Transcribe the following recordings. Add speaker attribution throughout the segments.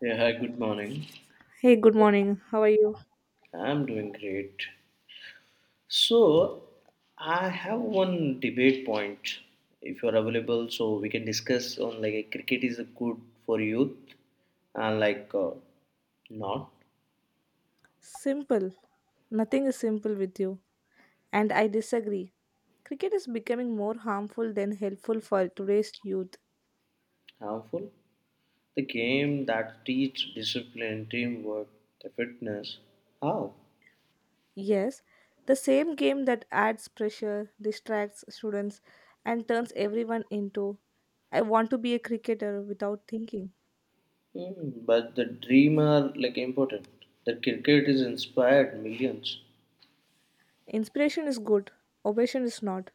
Speaker 1: Yeah, hi, good morning.
Speaker 2: Hey, good morning. How are you?
Speaker 1: I'm doing great. So, I have one debate point if you're available, so we can discuss on like cricket is good for youth and like not
Speaker 2: Simple. Nothing is simple with you. And I disagree. Cricket is becoming more harmful than helpful for today's youth.
Speaker 1: harmful. The game that teach discipline, teamwork, the fitness. How?
Speaker 2: Yes, the same game that adds pressure, distracts students, and turns everyone into I want to be a cricketer without thinking.
Speaker 1: But the dream are like important. The cricket is inspired millions.
Speaker 2: Inspiration is good, obsession is not.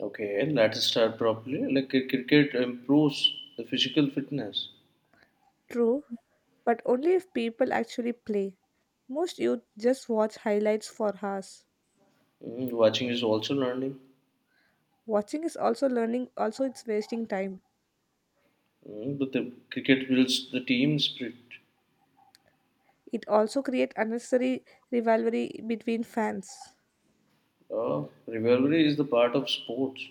Speaker 1: Okay, let's start properly. Like cricket improves the physical fitness.
Speaker 2: True, but only if people actually play. Most youth just watch highlights for hours.
Speaker 1: Watching is also learning.
Speaker 2: Watching is also learning, also it's wasting time.
Speaker 1: But the cricket builds the team spirit.
Speaker 2: It also creates unnecessary rivalry between fans.
Speaker 1: Rivalry is the part of sports,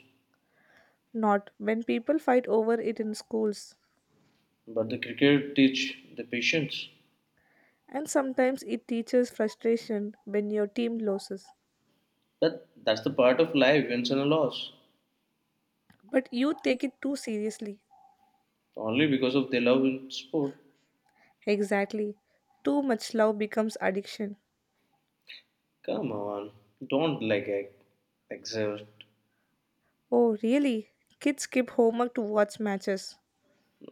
Speaker 2: Not when people fight over it in schools.
Speaker 1: but the cricket teach the patience.
Speaker 2: And sometimes it teaches frustration when your team loses.
Speaker 1: That's the part of life, wins and a loss.
Speaker 2: But you take it too seriously.
Speaker 1: Only because of the love in sport.
Speaker 2: Exactly. Too much love becomes addiction.
Speaker 1: Come on, don't like exert.
Speaker 2: Oh, really? Kids skip homework to watch matches.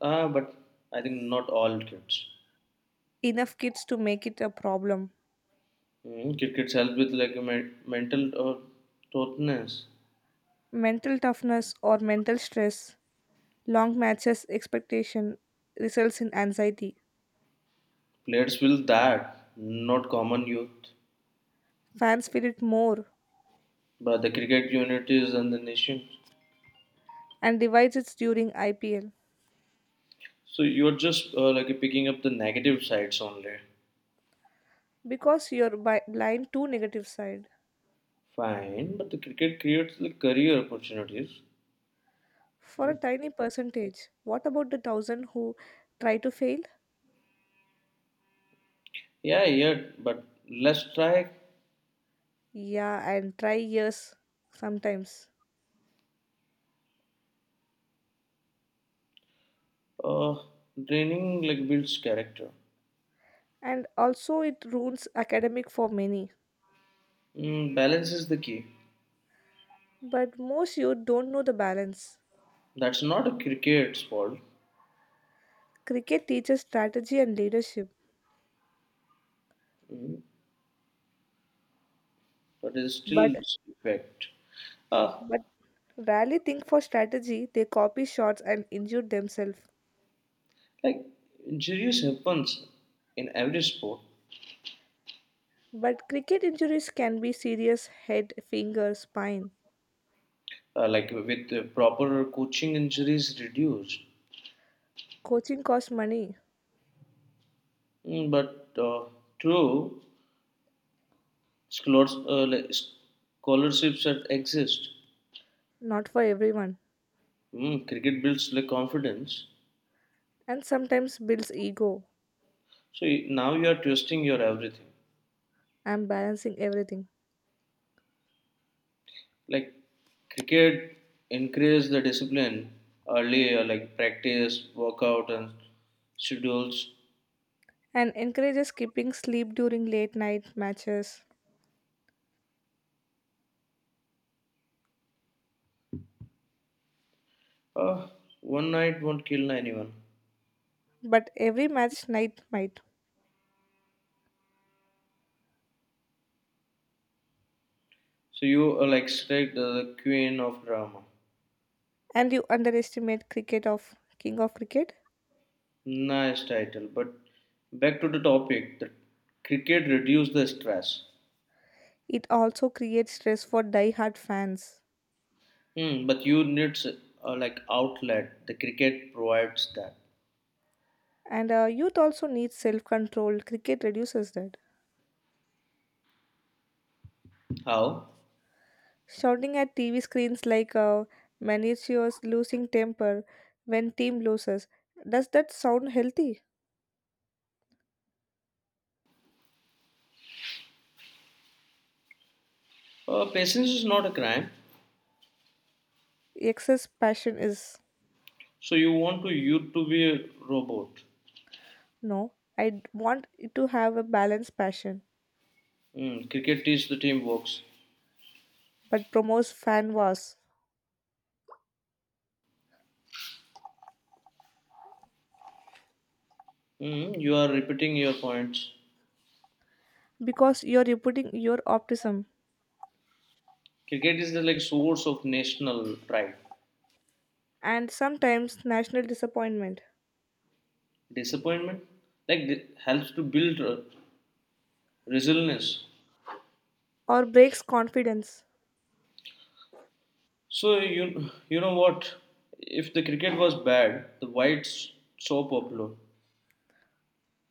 Speaker 1: Ah, but I think not all kids.
Speaker 2: Enough kids to make it a problem.
Speaker 1: Crickets help with like a mental toughness.
Speaker 2: Mental toughness or mental stress. Long matches expectation results in anxiety.
Speaker 1: Players feel that not common youth,
Speaker 2: Fans feel it more
Speaker 1: but the cricket unit is and the nation.
Speaker 2: and divides it during IPL
Speaker 1: So you're just like picking up the negative sides only.
Speaker 2: because you're blind to negative side.
Speaker 1: Fine, but the cricket creates the career opportunities.
Speaker 2: For
Speaker 1: Hmm.
Speaker 2: a tiny percentage, what about the thousand who try to fail?
Speaker 1: Yeah, yeah, but let's try.
Speaker 2: Yeah, and try years sometimes.
Speaker 1: Uh, training like builds character.
Speaker 2: And also, it ruins academic for many.
Speaker 1: Balance is the key.
Speaker 2: But most youth don't know the balance.
Speaker 1: That's not a cricket's fault,
Speaker 2: Cricket teaches strategy and leadership,
Speaker 1: mm, but it's
Speaker 2: but
Speaker 1: still effect. Uh,
Speaker 2: but rarely think for strategy. They copy shots and injure themselves.
Speaker 1: Like injuries happens in every sport.
Speaker 2: But cricket injuries can be serious head, finger, spine.
Speaker 1: Like with proper coaching, injuries reduced.
Speaker 2: Coaching costs money,
Speaker 1: But true, scholars, uh, like, scholarships that exist.
Speaker 2: not for everyone,
Speaker 1: Cricket builds like confidence.
Speaker 2: and sometimes builds ego.
Speaker 1: So now you are twisting your everything.
Speaker 2: I'm balancing everything.
Speaker 1: Like cricket increase the discipline earlier. Like practice, workout, and schedules.
Speaker 2: And encourages skipping sleep during late night matches.
Speaker 1: Uh, one night won't kill anyone.
Speaker 2: But every match night might.
Speaker 1: So you will extract the queen of drama.
Speaker 2: And you underestimate cricket of King of Cricket.
Speaker 1: Nice title. But back to the topic. The cricket reduces the stress.
Speaker 2: It also creates stress for die-hard fans.
Speaker 1: But you need like outlet. The cricket provides that.
Speaker 2: And youth also needs self-control. Cricket reduces that.
Speaker 1: How?
Speaker 2: Shouting at TV screens like Manicio's losing temper when team loses. Does that sound healthy?
Speaker 1: Patience is not a crime.
Speaker 2: Excess passion is
Speaker 1: So you want to you to be a robot.
Speaker 2: no. I want it to have a balanced passion,
Speaker 1: Hmm, cricket is the team works.
Speaker 2: but promotes fan wars
Speaker 1: Hmm, you are repeating your points.
Speaker 2: because you're repeating your optimism
Speaker 1: Cricket is the like source of national pride.
Speaker 2: and sometimes national disappointment
Speaker 1: Disappointment like helps to build resilience.
Speaker 2: or breaks confidence.
Speaker 1: So you know what? If the cricket was bad, the whites so popular.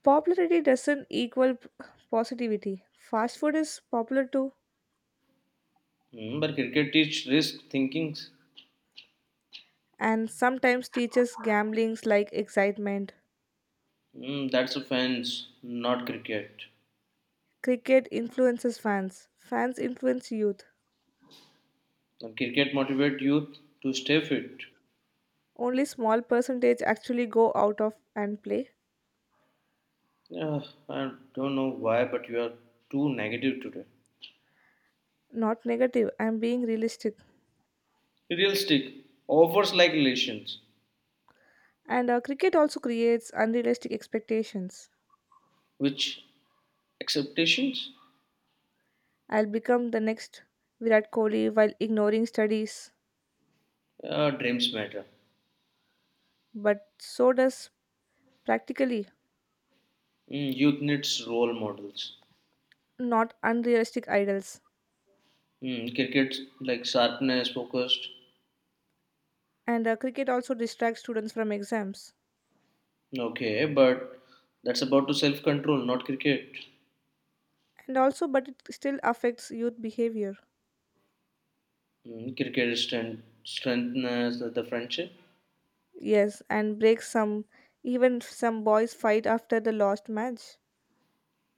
Speaker 2: Popularity doesn't equal positivity. Fast food is popular too,
Speaker 1: But cricket teach risk thinking.
Speaker 2: and sometimes teaches gamblings like excitement.
Speaker 1: That's offense, not cricket.
Speaker 2: Cricket influences fans. Fans influence youth.
Speaker 1: And cricket motivate youth to stay fit.
Speaker 2: Only small percentage actually go out of and play.
Speaker 1: Yeah, I don't know why, but you are too negative today.
Speaker 2: Not negative. I'm being realistic.
Speaker 1: Realistic offers like relations,
Speaker 2: And cricket also creates unrealistic expectations.
Speaker 1: which acceptations,
Speaker 2: I'll become the next Virat Kohli while ignoring studies.
Speaker 1: dreams matter.
Speaker 2: But so does practically
Speaker 1: Hmm, youth needs role models.
Speaker 2: not unrealistic idols.
Speaker 1: Hmm, cricket like sharpness, focused.
Speaker 2: And cricket also distracts students from exams.
Speaker 1: Okay, but that's about to self control, not cricket.
Speaker 2: And also, but it still affects youth behavior.
Speaker 1: Mm, cricket is strength, strengthens the friendship.
Speaker 2: Yes, and breaks some. Even some boys fight after the lost match.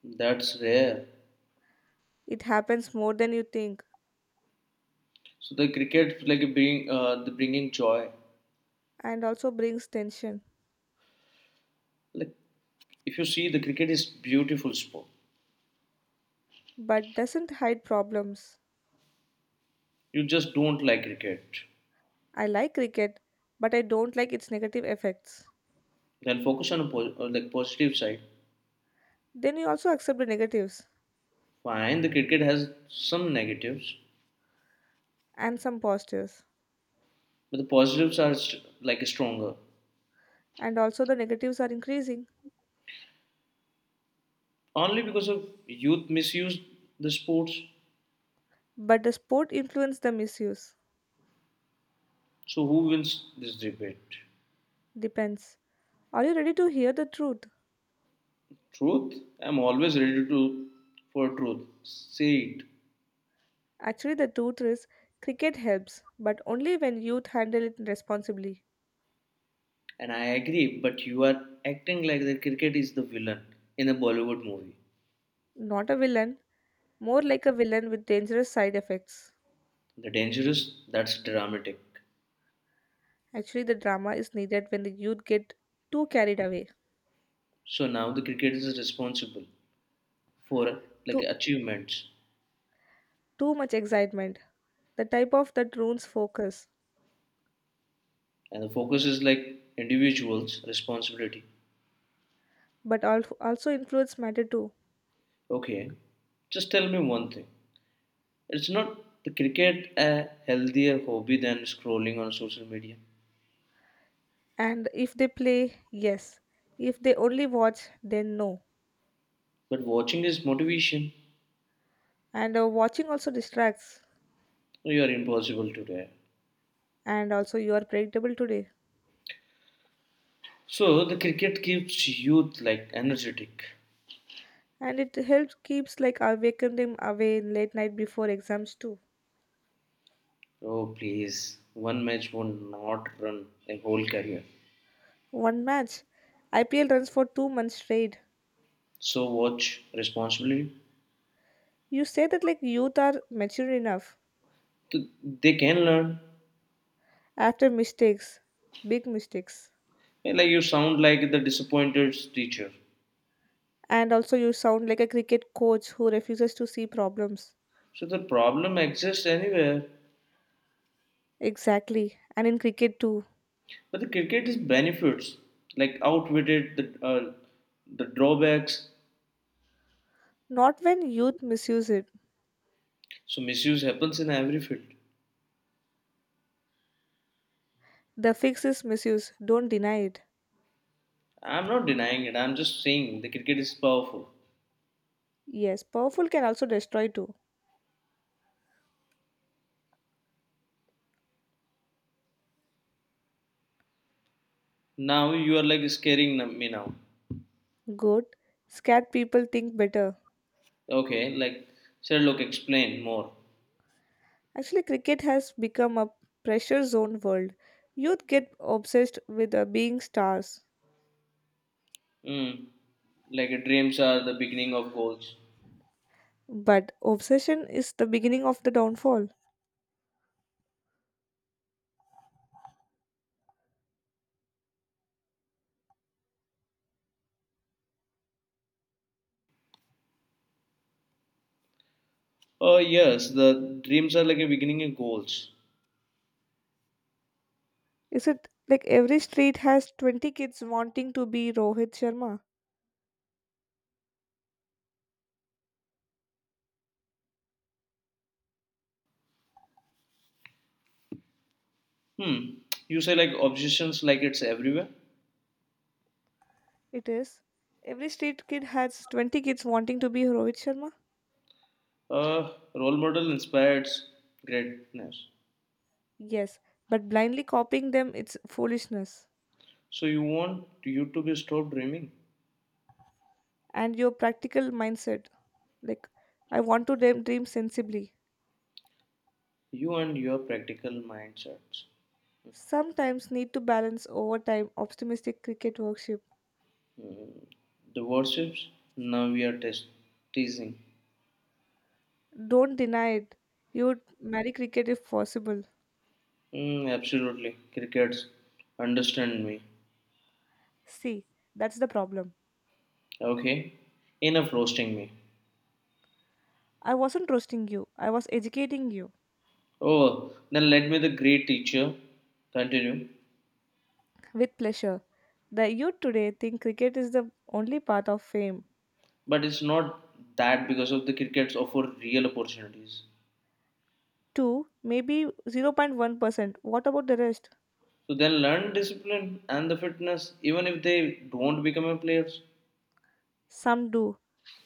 Speaker 1: That's rare.
Speaker 2: It happens more than you think,
Speaker 1: So the cricket like bring the bringing joy.
Speaker 2: and also brings tension,
Speaker 1: Like if you see the cricket is beautiful sport.
Speaker 2: but doesn't hide problems.
Speaker 1: You just don't like cricket.
Speaker 2: I like cricket, but I don't like its negative effects.
Speaker 1: Then focus on a like positive side.
Speaker 2: Then you also accept the negatives
Speaker 1: Fine, the cricket has some negatives,
Speaker 2: and some positives,
Speaker 1: but the positives are like stronger.
Speaker 2: and also the negatives are increasing.
Speaker 1: Only because of youth misuse the sports.
Speaker 2: But the sport influence the misuse.
Speaker 1: So who wins this debate?
Speaker 2: Depends. Are you ready to hear the truth?
Speaker 1: Truth? I'm always ready to for truth. Say it.
Speaker 2: Actually, the truth is cricket helps, but only when youth handle it responsibly.
Speaker 1: And I agree, but you are acting like the cricket is the villain in a Bollywood movie.
Speaker 2: Not a villain, more like a villain with dangerous side effects.
Speaker 1: The dangerous, that's dramatic.
Speaker 2: Actually, the drama is needed when the youth get too carried away,
Speaker 1: So now the cricket is responsible for like
Speaker 2: too,
Speaker 1: achievements,
Speaker 2: too much excitement, the type of that ruins focus,
Speaker 1: and the focus is like individuals' responsibility.
Speaker 2: but also influence matter too.
Speaker 1: Okay. Just tell me one thing. It's not the cricket a healthier hobby than scrolling on social media.
Speaker 2: And if they play, yes. If they only watch, then no.
Speaker 1: But watching is motivation.
Speaker 2: And watching also distracts,
Speaker 1: You are impossible today.
Speaker 2: and also you are predictable today.
Speaker 1: So the cricket keeps youth like energetic.
Speaker 2: And it helps keeps like awaken them away in late night before exams too.
Speaker 1: Oh please, one match will not run a whole career.
Speaker 2: One match, IPL runs for 2 months straight.
Speaker 1: So watch responsibly.
Speaker 2: You say that like youth are mature enough
Speaker 1: Th- They can learn.
Speaker 2: after mistakes, big mistakes.
Speaker 1: And, like you sound like the disappointed teacher.
Speaker 2: And also you sound like a cricket coach who refuses to see problems.
Speaker 1: So the problem exists anywhere,
Speaker 2: Exactly. And in cricket too.
Speaker 1: but the cricket is benefits like outwitted the drawbacks.
Speaker 2: Not when youth misuse it.
Speaker 1: So misuse happens in every field.
Speaker 2: The fix is misuse. Don't deny it.
Speaker 1: I'm not denying it. I'm just saying the cricket is powerful.
Speaker 2: Yes, powerful can also destroy too.
Speaker 1: Now you are like scaring me now.
Speaker 2: Good. Scared people think better.
Speaker 1: Okay, like Sherlock, explain more.
Speaker 2: Actually, cricket has become a pressure zone world. Youth get obsessed with being stars.
Speaker 1: Mm. Like dreams are the beginning of goals.
Speaker 2: But obsession is the beginning of the downfall.
Speaker 1: Oh yes, the dreams are like a beginning of goals.
Speaker 2: Is it like every street has 20 kids wanting to be Rohit Sharma?
Speaker 1: Hmm. You say like obsessions, like it's everywhere.
Speaker 2: It is. Every street kid has 20 kids wanting to be Rohit Sharma?
Speaker 1: Role model inspires greatness.
Speaker 2: Yes, but blindly copying them it's foolishness.
Speaker 1: So you want you to be stop dreaming.
Speaker 2: And your practical mindset like I want to dream, dream sensibly.
Speaker 1: You and your practical mindsets.
Speaker 2: Sometimes need to balance over time optimistic cricket worship.
Speaker 1: The worships. Now we are teasing.
Speaker 2: Don't deny it. You would marry cricket if possible.
Speaker 1: Mm, absolutely, crickets. Understand me.
Speaker 2: See, that's the problem.
Speaker 1: Okay. Enough roasting me.
Speaker 2: I wasn't roasting you, I was educating you
Speaker 1: Oh, then let me the great teacher continue.
Speaker 2: with pleasure. The youth today think cricket is the only path of fame.
Speaker 1: But it's not that because of the crickets offer real opportunities.
Speaker 2: Two, maybe 0.1%. What about the rest?
Speaker 1: So then learn discipline and the fitness, even if they don't become a players.
Speaker 2: Some do.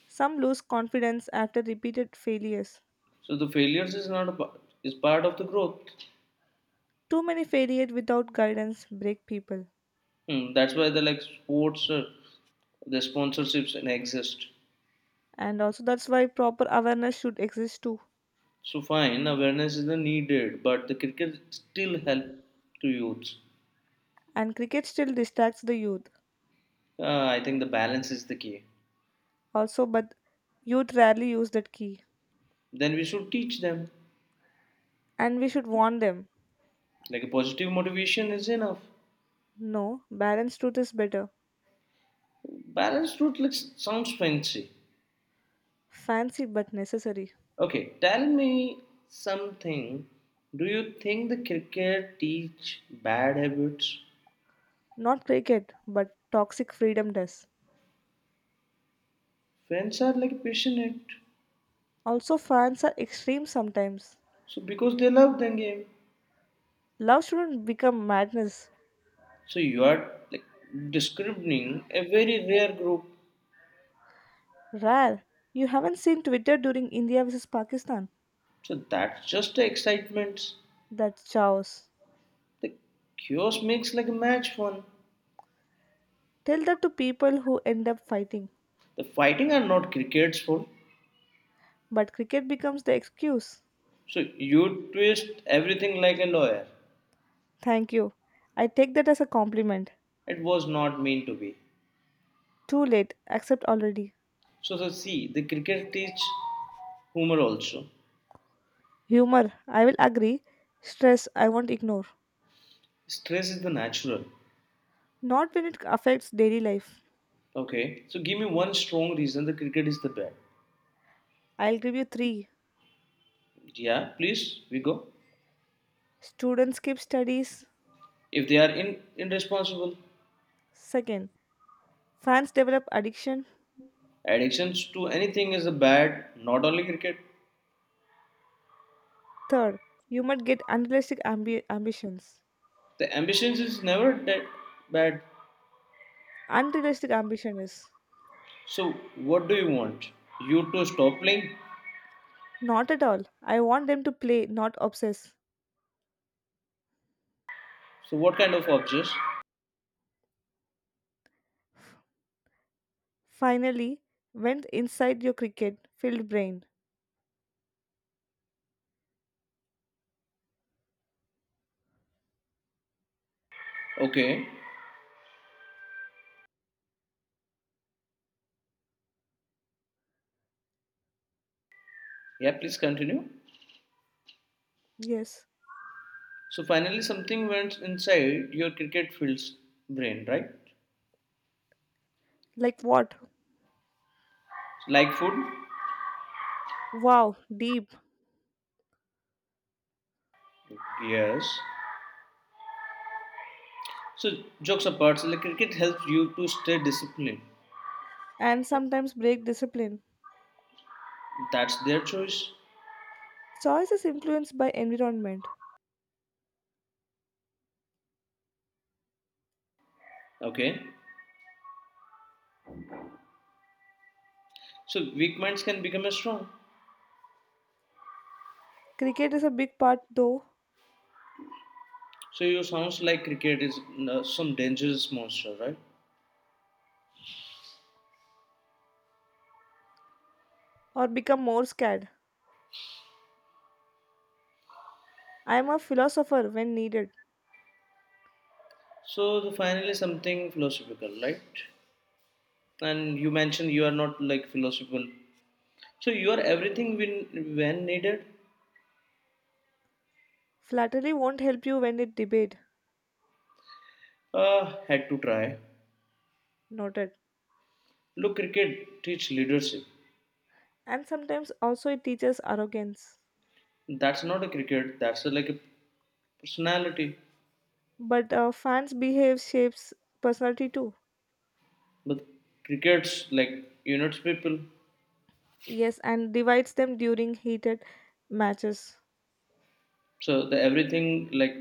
Speaker 2: Some lose confidence after repeated failures.
Speaker 1: So the failures is not a part, is part of the growth.
Speaker 2: Too many failures without guidance break people.
Speaker 1: Hmm, that's why the like sports, the sponsorships and exist.
Speaker 2: And also, that's why proper awareness should exist too.
Speaker 1: So fine, awareness is the needed, but the cricket still help to youths.
Speaker 2: And cricket still distracts the youth,
Speaker 1: I think the balance is the key.
Speaker 2: also, but youth rarely use that key.
Speaker 1: Then we should teach them.
Speaker 2: And we should warn them.
Speaker 1: Like a positive motivation is enough.
Speaker 2: No, balanced truth is better.
Speaker 1: Balanced route looks sounds fancy.
Speaker 2: Fancy but necessary.
Speaker 1: Okay, tell me something. Do you think the cricket teach bad habits?
Speaker 2: Not cricket, but toxic freedom does.
Speaker 1: Fans are like passionate,
Speaker 2: Also, fans are extreme sometimes.
Speaker 1: so because they love the game.
Speaker 2: Love shouldn't become madness.
Speaker 1: So you are like discriminating a very rare group.
Speaker 2: Rare. You haven't seen Twitter during India versus Pakistan?
Speaker 1: So that's just the excitement.
Speaker 2: That's chaos.
Speaker 1: The chaos makes like a match fun.
Speaker 2: Tell that to people who end up fighting.
Speaker 1: The fighting are not cricket's fault.
Speaker 2: But cricket becomes the excuse.
Speaker 1: So you twist everything like a lawyer.
Speaker 2: Thank you. I take that as a compliment.
Speaker 1: It was not meant to be.
Speaker 2: Too late. Accept already.
Speaker 1: So, so see, the cricket teach humor also.
Speaker 2: Humor, I will agree. Stress, I won't ignore.
Speaker 1: Stress is the natural.
Speaker 2: Not when it affects daily life.
Speaker 1: Okay. So give me one strong reason the cricket is the bad.
Speaker 2: I'll give you three.
Speaker 1: Yeah, please, we go.
Speaker 2: Students skip studies.
Speaker 1: If they are in, irresponsible,
Speaker 2: Second, fans develop addiction.
Speaker 1: addictions to anything is a bad, not only cricket.
Speaker 2: Third, you might get unrealistic ambitions.
Speaker 1: The ambitions is never that bad.
Speaker 2: Unrealistic ambition is
Speaker 1: So what do you want? You to stop playing?
Speaker 2: not at all. I want them to play, not obsess.
Speaker 1: So what kind of objects?
Speaker 2: Finally, went inside your cricket filled brain.
Speaker 1: Okay. Yeah, please continue.
Speaker 2: Yes.
Speaker 1: So finally, something went inside your cricket field's brain, right?
Speaker 2: Like what?
Speaker 1: Like food?
Speaker 2: Wow, deep.
Speaker 1: Yes. So jokes apart, so like cricket helps you to stay disciplined.
Speaker 2: And sometimes break discipline.
Speaker 1: That's their choice.
Speaker 2: Choice is influenced by environment.
Speaker 1: Okay. So weak minds can become a strong.
Speaker 2: Cricket is a big part though,
Speaker 1: So you sounds like cricket is some dangerous monster, right?
Speaker 2: or become more scared. I am a philosopher when needed.
Speaker 1: So the finally something philosophical, right? And you mentioned you are not like philosophical. So you are everything when needed.
Speaker 2: Flattery won't help you when it debate,
Speaker 1: Had to try.
Speaker 2: noted.
Speaker 1: Look, cricket teach leadership.
Speaker 2: And sometimes also it teaches arrogance.
Speaker 1: That's not a cricket. That's a, like a personality.
Speaker 2: But fans' behave shapes personality too.
Speaker 1: But crickets like units people.
Speaker 2: Yes, and divides them during heated matches.
Speaker 1: So the everything like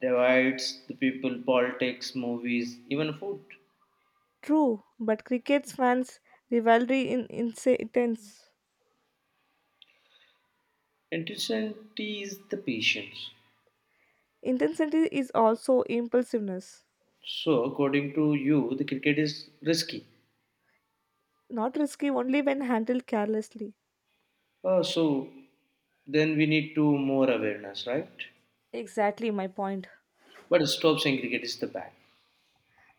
Speaker 1: divides the people, politics, movies, even food.
Speaker 2: True, but cricket's fans' rivalry in, insa intense.
Speaker 1: Intensity is the patience.
Speaker 2: Intensity is also impulsiveness.
Speaker 1: So according to you, the cricket is risky.
Speaker 2: Not risky only when handled carelessly.
Speaker 1: Oh, so then we need to more awareness, right?
Speaker 2: Exactly my point.
Speaker 1: But stop saying cricket is the bad.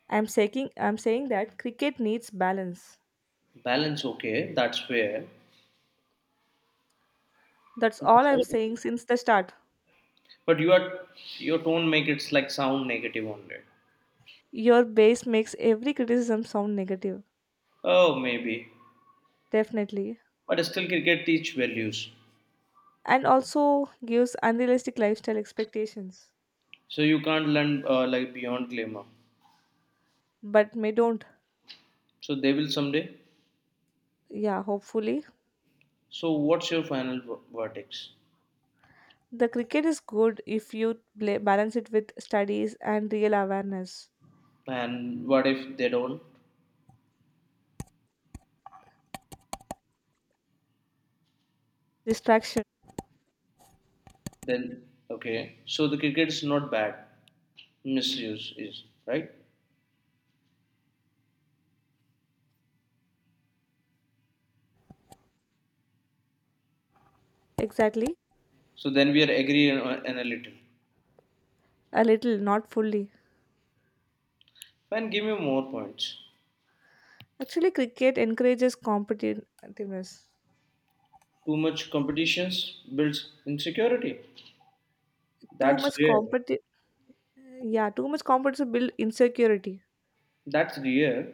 Speaker 2: I'm saying that cricket needs balance.
Speaker 1: Balance, okay, that's fair.
Speaker 2: That's
Speaker 1: That's
Speaker 2: all I'm
Speaker 1: fair.
Speaker 2: saying since the start.
Speaker 1: But you are your tone make it like sound negative only.
Speaker 2: Your base makes every criticism sound negative,
Speaker 1: Oh, maybe.
Speaker 2: definitely,
Speaker 1: But still, cricket teach values.
Speaker 2: and also gives unrealistic lifestyle expectations.
Speaker 1: So you can't learn like beyond glamour.
Speaker 2: But may don't.
Speaker 1: So they will someday.
Speaker 2: Yeah, hopefully.
Speaker 1: So what's your final verdict?
Speaker 2: The cricket is good if you balance it with studies and real awareness.
Speaker 1: And what if they don't?
Speaker 2: Distraction.
Speaker 1: Then okay. So the cricket is not bad. Misuse is right.
Speaker 2: Exactly.
Speaker 1: So then we are agree and in a little.
Speaker 2: A little, not fully.
Speaker 1: Fine, give me more points.
Speaker 2: Actually, cricket encourages competitiveness.
Speaker 1: Too much competitions builds insecurity.
Speaker 2: Too
Speaker 1: That's
Speaker 2: much
Speaker 1: rare.
Speaker 2: competi- yeah, too much competition build insecurity.
Speaker 1: That's rare.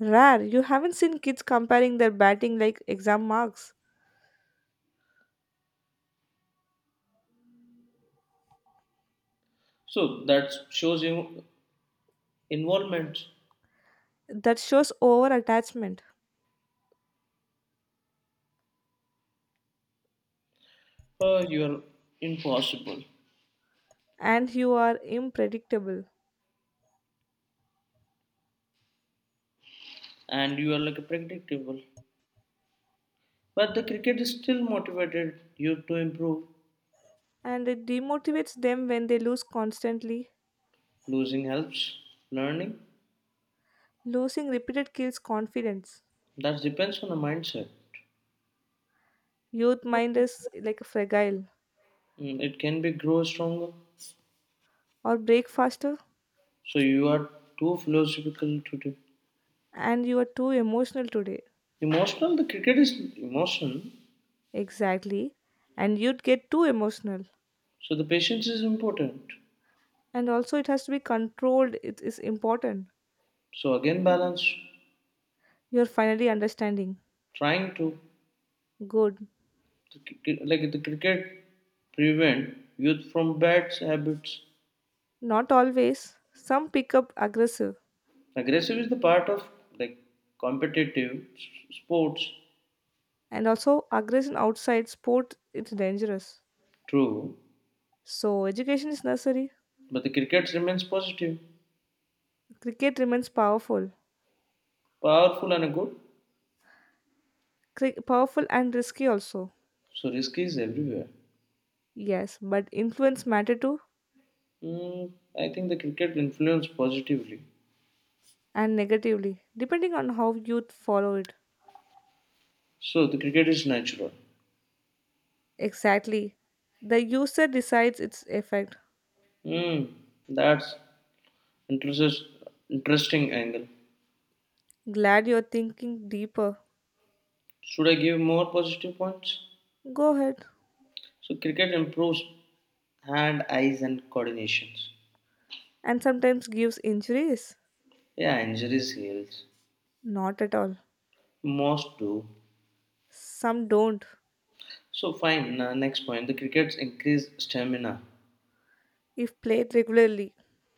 Speaker 2: Rare, you haven't seen kids comparing their batting like exam marks.
Speaker 1: So that shows you involvement.
Speaker 2: That shows over attachment.
Speaker 1: Oh, you are impossible
Speaker 2: And you are unpredictable.
Speaker 1: and you are like a predictable. But the cricket is still motivated you to improve.
Speaker 2: And it demotivates them when they lose constantly.
Speaker 1: Losing helps, learning.
Speaker 2: Losing repeated kills confidence.
Speaker 1: That depends on the mindset.
Speaker 2: Youth mind is like a fragile,
Speaker 1: Mm, it can be grow stronger.
Speaker 2: or break faster.
Speaker 1: So you are too philosophical to do.
Speaker 2: And you are too emotional today.
Speaker 1: Emotional, the cricket is emotion.
Speaker 2: Exactly, and you'd get too emotional.
Speaker 1: So the patience is important.
Speaker 2: And also it has to be controlled, it is important.
Speaker 1: So again, balance.
Speaker 2: You're finally understanding.
Speaker 1: Trying to,
Speaker 2: Good.
Speaker 1: the like the cricket, prevent youth from bad habits.
Speaker 2: Not always, some pick up aggressive.
Speaker 1: Aggressive is the part of like competitive sports,
Speaker 2: And also aggression outside sport it's dangerous.
Speaker 1: true,
Speaker 2: So education is necessary.
Speaker 1: but the cricket remains positive,
Speaker 2: Cricket remains powerful.
Speaker 1: powerful, and good.
Speaker 2: Powerful and risky also.
Speaker 1: So risk is everywhere.
Speaker 2: Yes, but influence matter too,
Speaker 1: Mm, I think the cricket influenced positively.
Speaker 2: and negatively, depending on how youth follow it.
Speaker 1: So the cricket is natural.
Speaker 2: Exactly. The user decides its effect.
Speaker 1: Mm, that's interests interesting angle.
Speaker 2: Glad you're thinking deeper.
Speaker 1: Should I give more positive points?
Speaker 2: Go ahead.
Speaker 1: So cricket improves hand, eyes, and coordinations.
Speaker 2: And sometimes gives injuries.
Speaker 1: Yeah, injuries heals.
Speaker 2: Not at all.
Speaker 1: Most do.
Speaker 2: Some don't.
Speaker 1: So fine. Next point, the cricket's increase stamina.
Speaker 2: If played regularly.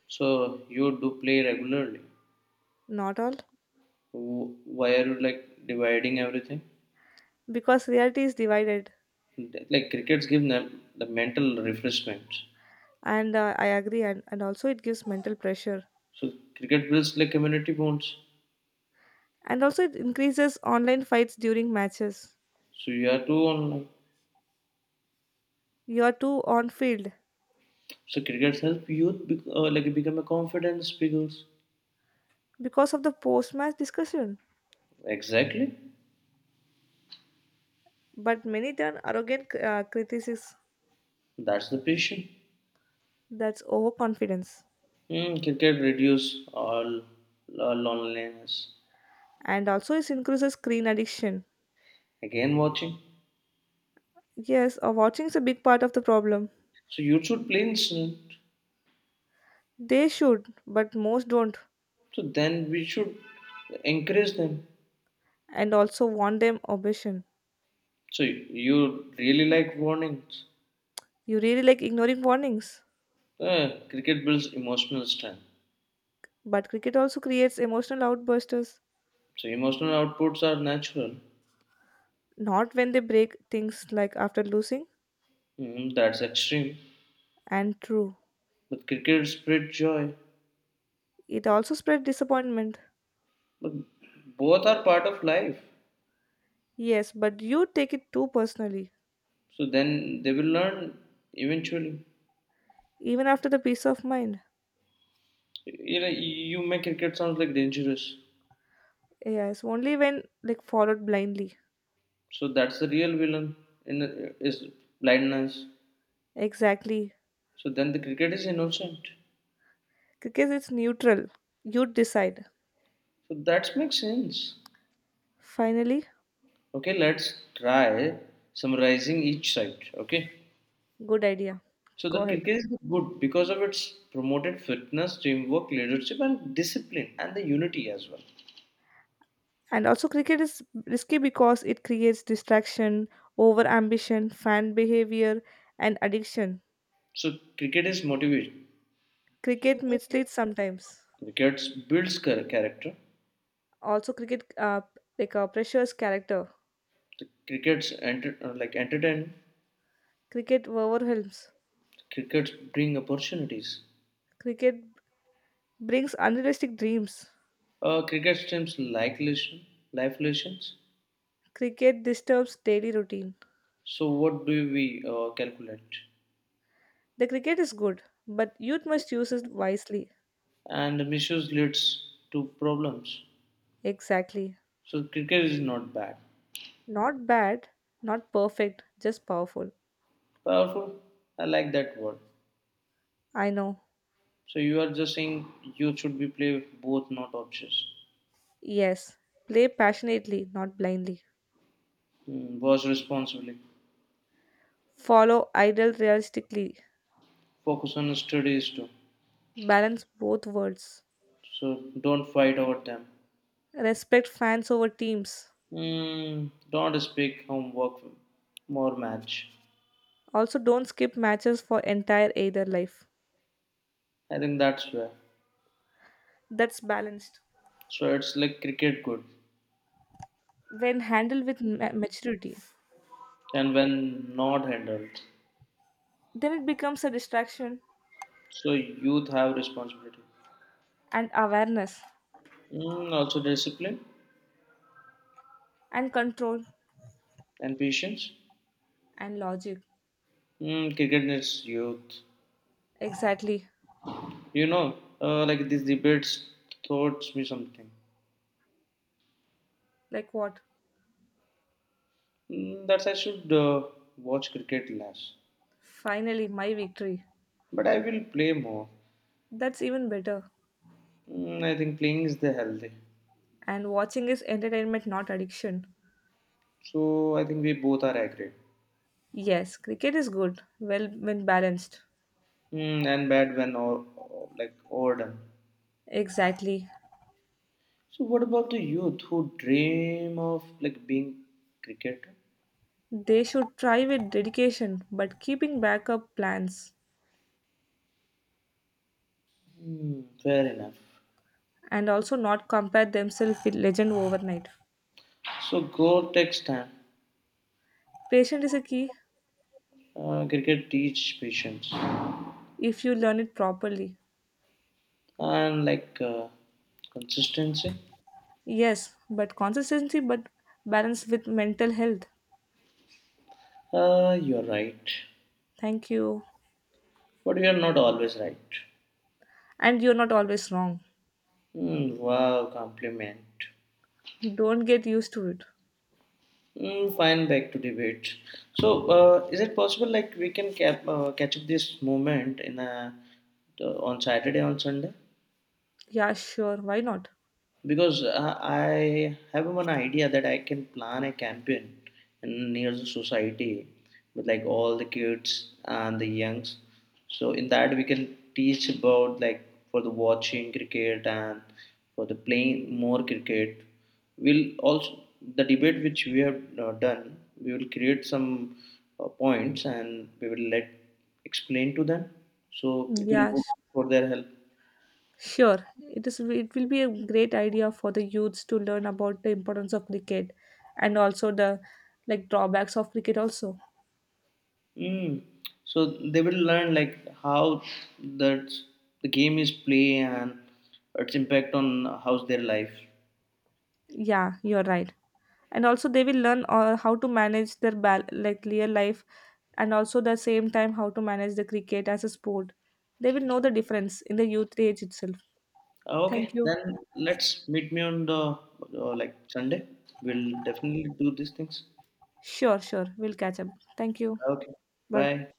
Speaker 1: So you do play regularly.
Speaker 2: Not all.
Speaker 1: Why are you like dividing everything?
Speaker 2: Because reality is divided.
Speaker 1: Like crickets give them the mental refreshment.
Speaker 2: And I agree. And also it gives mental pressure,
Speaker 1: So cricket builds like community bonds.
Speaker 2: and also it increases online fights during matches.
Speaker 1: So you are too online.
Speaker 2: You are too on field
Speaker 1: So crickets help youth like become a confident speakers.
Speaker 2: because of the post match discussion.
Speaker 1: Exactly.
Speaker 2: But many turn arrogant criticism,
Speaker 1: That's the patient.
Speaker 2: that's overconfidence,
Speaker 1: Mm, cricket reduce all loneliness.
Speaker 2: and also it increases screen addiction.
Speaker 1: Again watching.
Speaker 2: Yes, watching is a big part of the problem.
Speaker 1: So you should play in,
Speaker 2: They should, but most don't,
Speaker 1: so then we should encourage them.
Speaker 2: and also want them obsession.
Speaker 1: So you really like warnings.
Speaker 2: You really like ignoring warnings,
Speaker 1: Cricket builds emotional strength.
Speaker 2: but cricket also creates emotional outbursts.
Speaker 1: So emotional outputs are natural.
Speaker 2: Not when they break things like after losing,
Speaker 1: Mm, that's extreme.
Speaker 2: and true.
Speaker 1: But cricket spreads joy.
Speaker 2: It also spread disappointment.
Speaker 1: But both are part of life.
Speaker 2: Yes, but you take it too personally,
Speaker 1: So then they will learn eventually.
Speaker 2: even after the peace of mind.
Speaker 1: You know, you make cricket sounds like dangerous.
Speaker 2: Yes, only when like followed blindly.
Speaker 1: So that's the real villain in is blindness.
Speaker 2: Exactly.
Speaker 1: So then the cricket is innocent.
Speaker 2: Because it's neutral. You decide.
Speaker 1: So that makes sense.
Speaker 2: Finally,
Speaker 1: Okay, let's try summarizing each side. Okay.
Speaker 2: good idea.
Speaker 1: So
Speaker 2: Go
Speaker 1: the
Speaker 2: ahead.
Speaker 1: cricket is good because of its promoted fitness, teamwork, leadership, and discipline, and the unity as well.
Speaker 2: And also cricket is risky because it creates distraction, over ambition, fan behavior, and addiction.
Speaker 1: So cricket is motivation.
Speaker 2: Cricket misleads sometimes.
Speaker 1: Cricket builds character.
Speaker 2: Also cricket like pressures character.
Speaker 1: The crickets enter like entertain.
Speaker 2: Cricket overwhelms.
Speaker 1: Crickets bring opportunities.
Speaker 2: Cricket brings unrealistic dreams.
Speaker 1: Cricket streams like lesson, life lessons.
Speaker 2: Cricket disturbs daily routine.
Speaker 1: So what do we calculate?
Speaker 2: The cricket is good, but youth must use it wisely.
Speaker 1: And misuse leads to problems.
Speaker 2: Exactly.
Speaker 1: So cricket is not bad.
Speaker 2: Not bad, not perfect, just powerful.
Speaker 1: Powerful. I like that word.
Speaker 2: I know.
Speaker 1: So you are just saying youth should be play both, not options.
Speaker 2: Yes. Play passionately, not blindly.
Speaker 1: Mm, watch responsibly.
Speaker 2: Follow idol realistically.
Speaker 1: Focus on studies too.
Speaker 2: Balance both worlds.
Speaker 1: So don't fight over them.
Speaker 2: Respect fans over teams.
Speaker 1: Mm, don't speak homework more match.
Speaker 2: Also, don't skip matches for entire either life.
Speaker 1: I think that's fair.
Speaker 2: That's balanced.
Speaker 1: So it's like cricket good,
Speaker 2: When handled with maturity,
Speaker 1: and when not handled,
Speaker 2: then it becomes a distraction,
Speaker 1: so youth have responsibility.
Speaker 2: and awareness
Speaker 1: Mm, also discipline
Speaker 2: and control
Speaker 1: and patience.
Speaker 2: and logic.
Speaker 1: Mm, cricket needs youth.
Speaker 2: Exactly.
Speaker 1: You know, like these debates taught me something.
Speaker 2: Like what?
Speaker 1: Mm, that I should watch cricket less.
Speaker 2: Finally, my victory.
Speaker 1: But I will play more.
Speaker 2: That's even better.
Speaker 1: Mm, I think playing is the healthy.
Speaker 2: And watching is entertainment, not addiction.
Speaker 1: So I think we both are agree.
Speaker 2: Yes, cricket is good, well, when balanced.
Speaker 1: Mm, and bad when or like overdone.
Speaker 2: Exactly.
Speaker 1: So what about the youth who dream of like being cricketer?
Speaker 2: They should try with dedication, but keeping backup plans,
Speaker 1: Hmm, fair enough.
Speaker 2: and also not compare themselves with legend overnight.
Speaker 1: So growth takes time.
Speaker 2: Patience is a key
Speaker 1: Cricket teach patience
Speaker 2: if you learn it properly.
Speaker 1: and like consistency.
Speaker 2: Yes, but consistency, but balance with mental health.
Speaker 1: You're right.
Speaker 2: Thank you.
Speaker 1: But you are not always right.
Speaker 2: And you're not always wrong.
Speaker 1: Mm, wow, compliment.
Speaker 2: Don't get used to it.
Speaker 1: Mm, fine, back to debate. So, is it possible like we can catch up this moment in a, on Saturday on Sunday?
Speaker 2: Yeah, sure. Why not?
Speaker 1: Because I have an idea that I can plan a campaign in near the society with like all the kids and the youngs. So in that we can teach about like for the watching cricket and for the playing more cricket. We'll also the debate which we have done. We will create some points and we will let explain to them. So it will
Speaker 2: Yeah,
Speaker 1: go for their help.
Speaker 2: sure. It is. It will be a great idea for the youths to learn about the importance of cricket, and also the like drawbacks of cricket. Also,
Speaker 1: Mm. So they will learn like how that the game is play and its impact on how's their life.
Speaker 2: yeah, you're right. And also, they will learn how to manage their like real life, and also the same time how to manage the cricket as a sport. They will know the difference in the youth age itself.
Speaker 1: Okay,
Speaker 2: Thank you.
Speaker 1: then let's meet me on the like Sunday. We'll definitely do these things.
Speaker 2: Sure, sure. We'll catch up. Thank you.
Speaker 1: Okay,
Speaker 2: Bye.
Speaker 1: bye.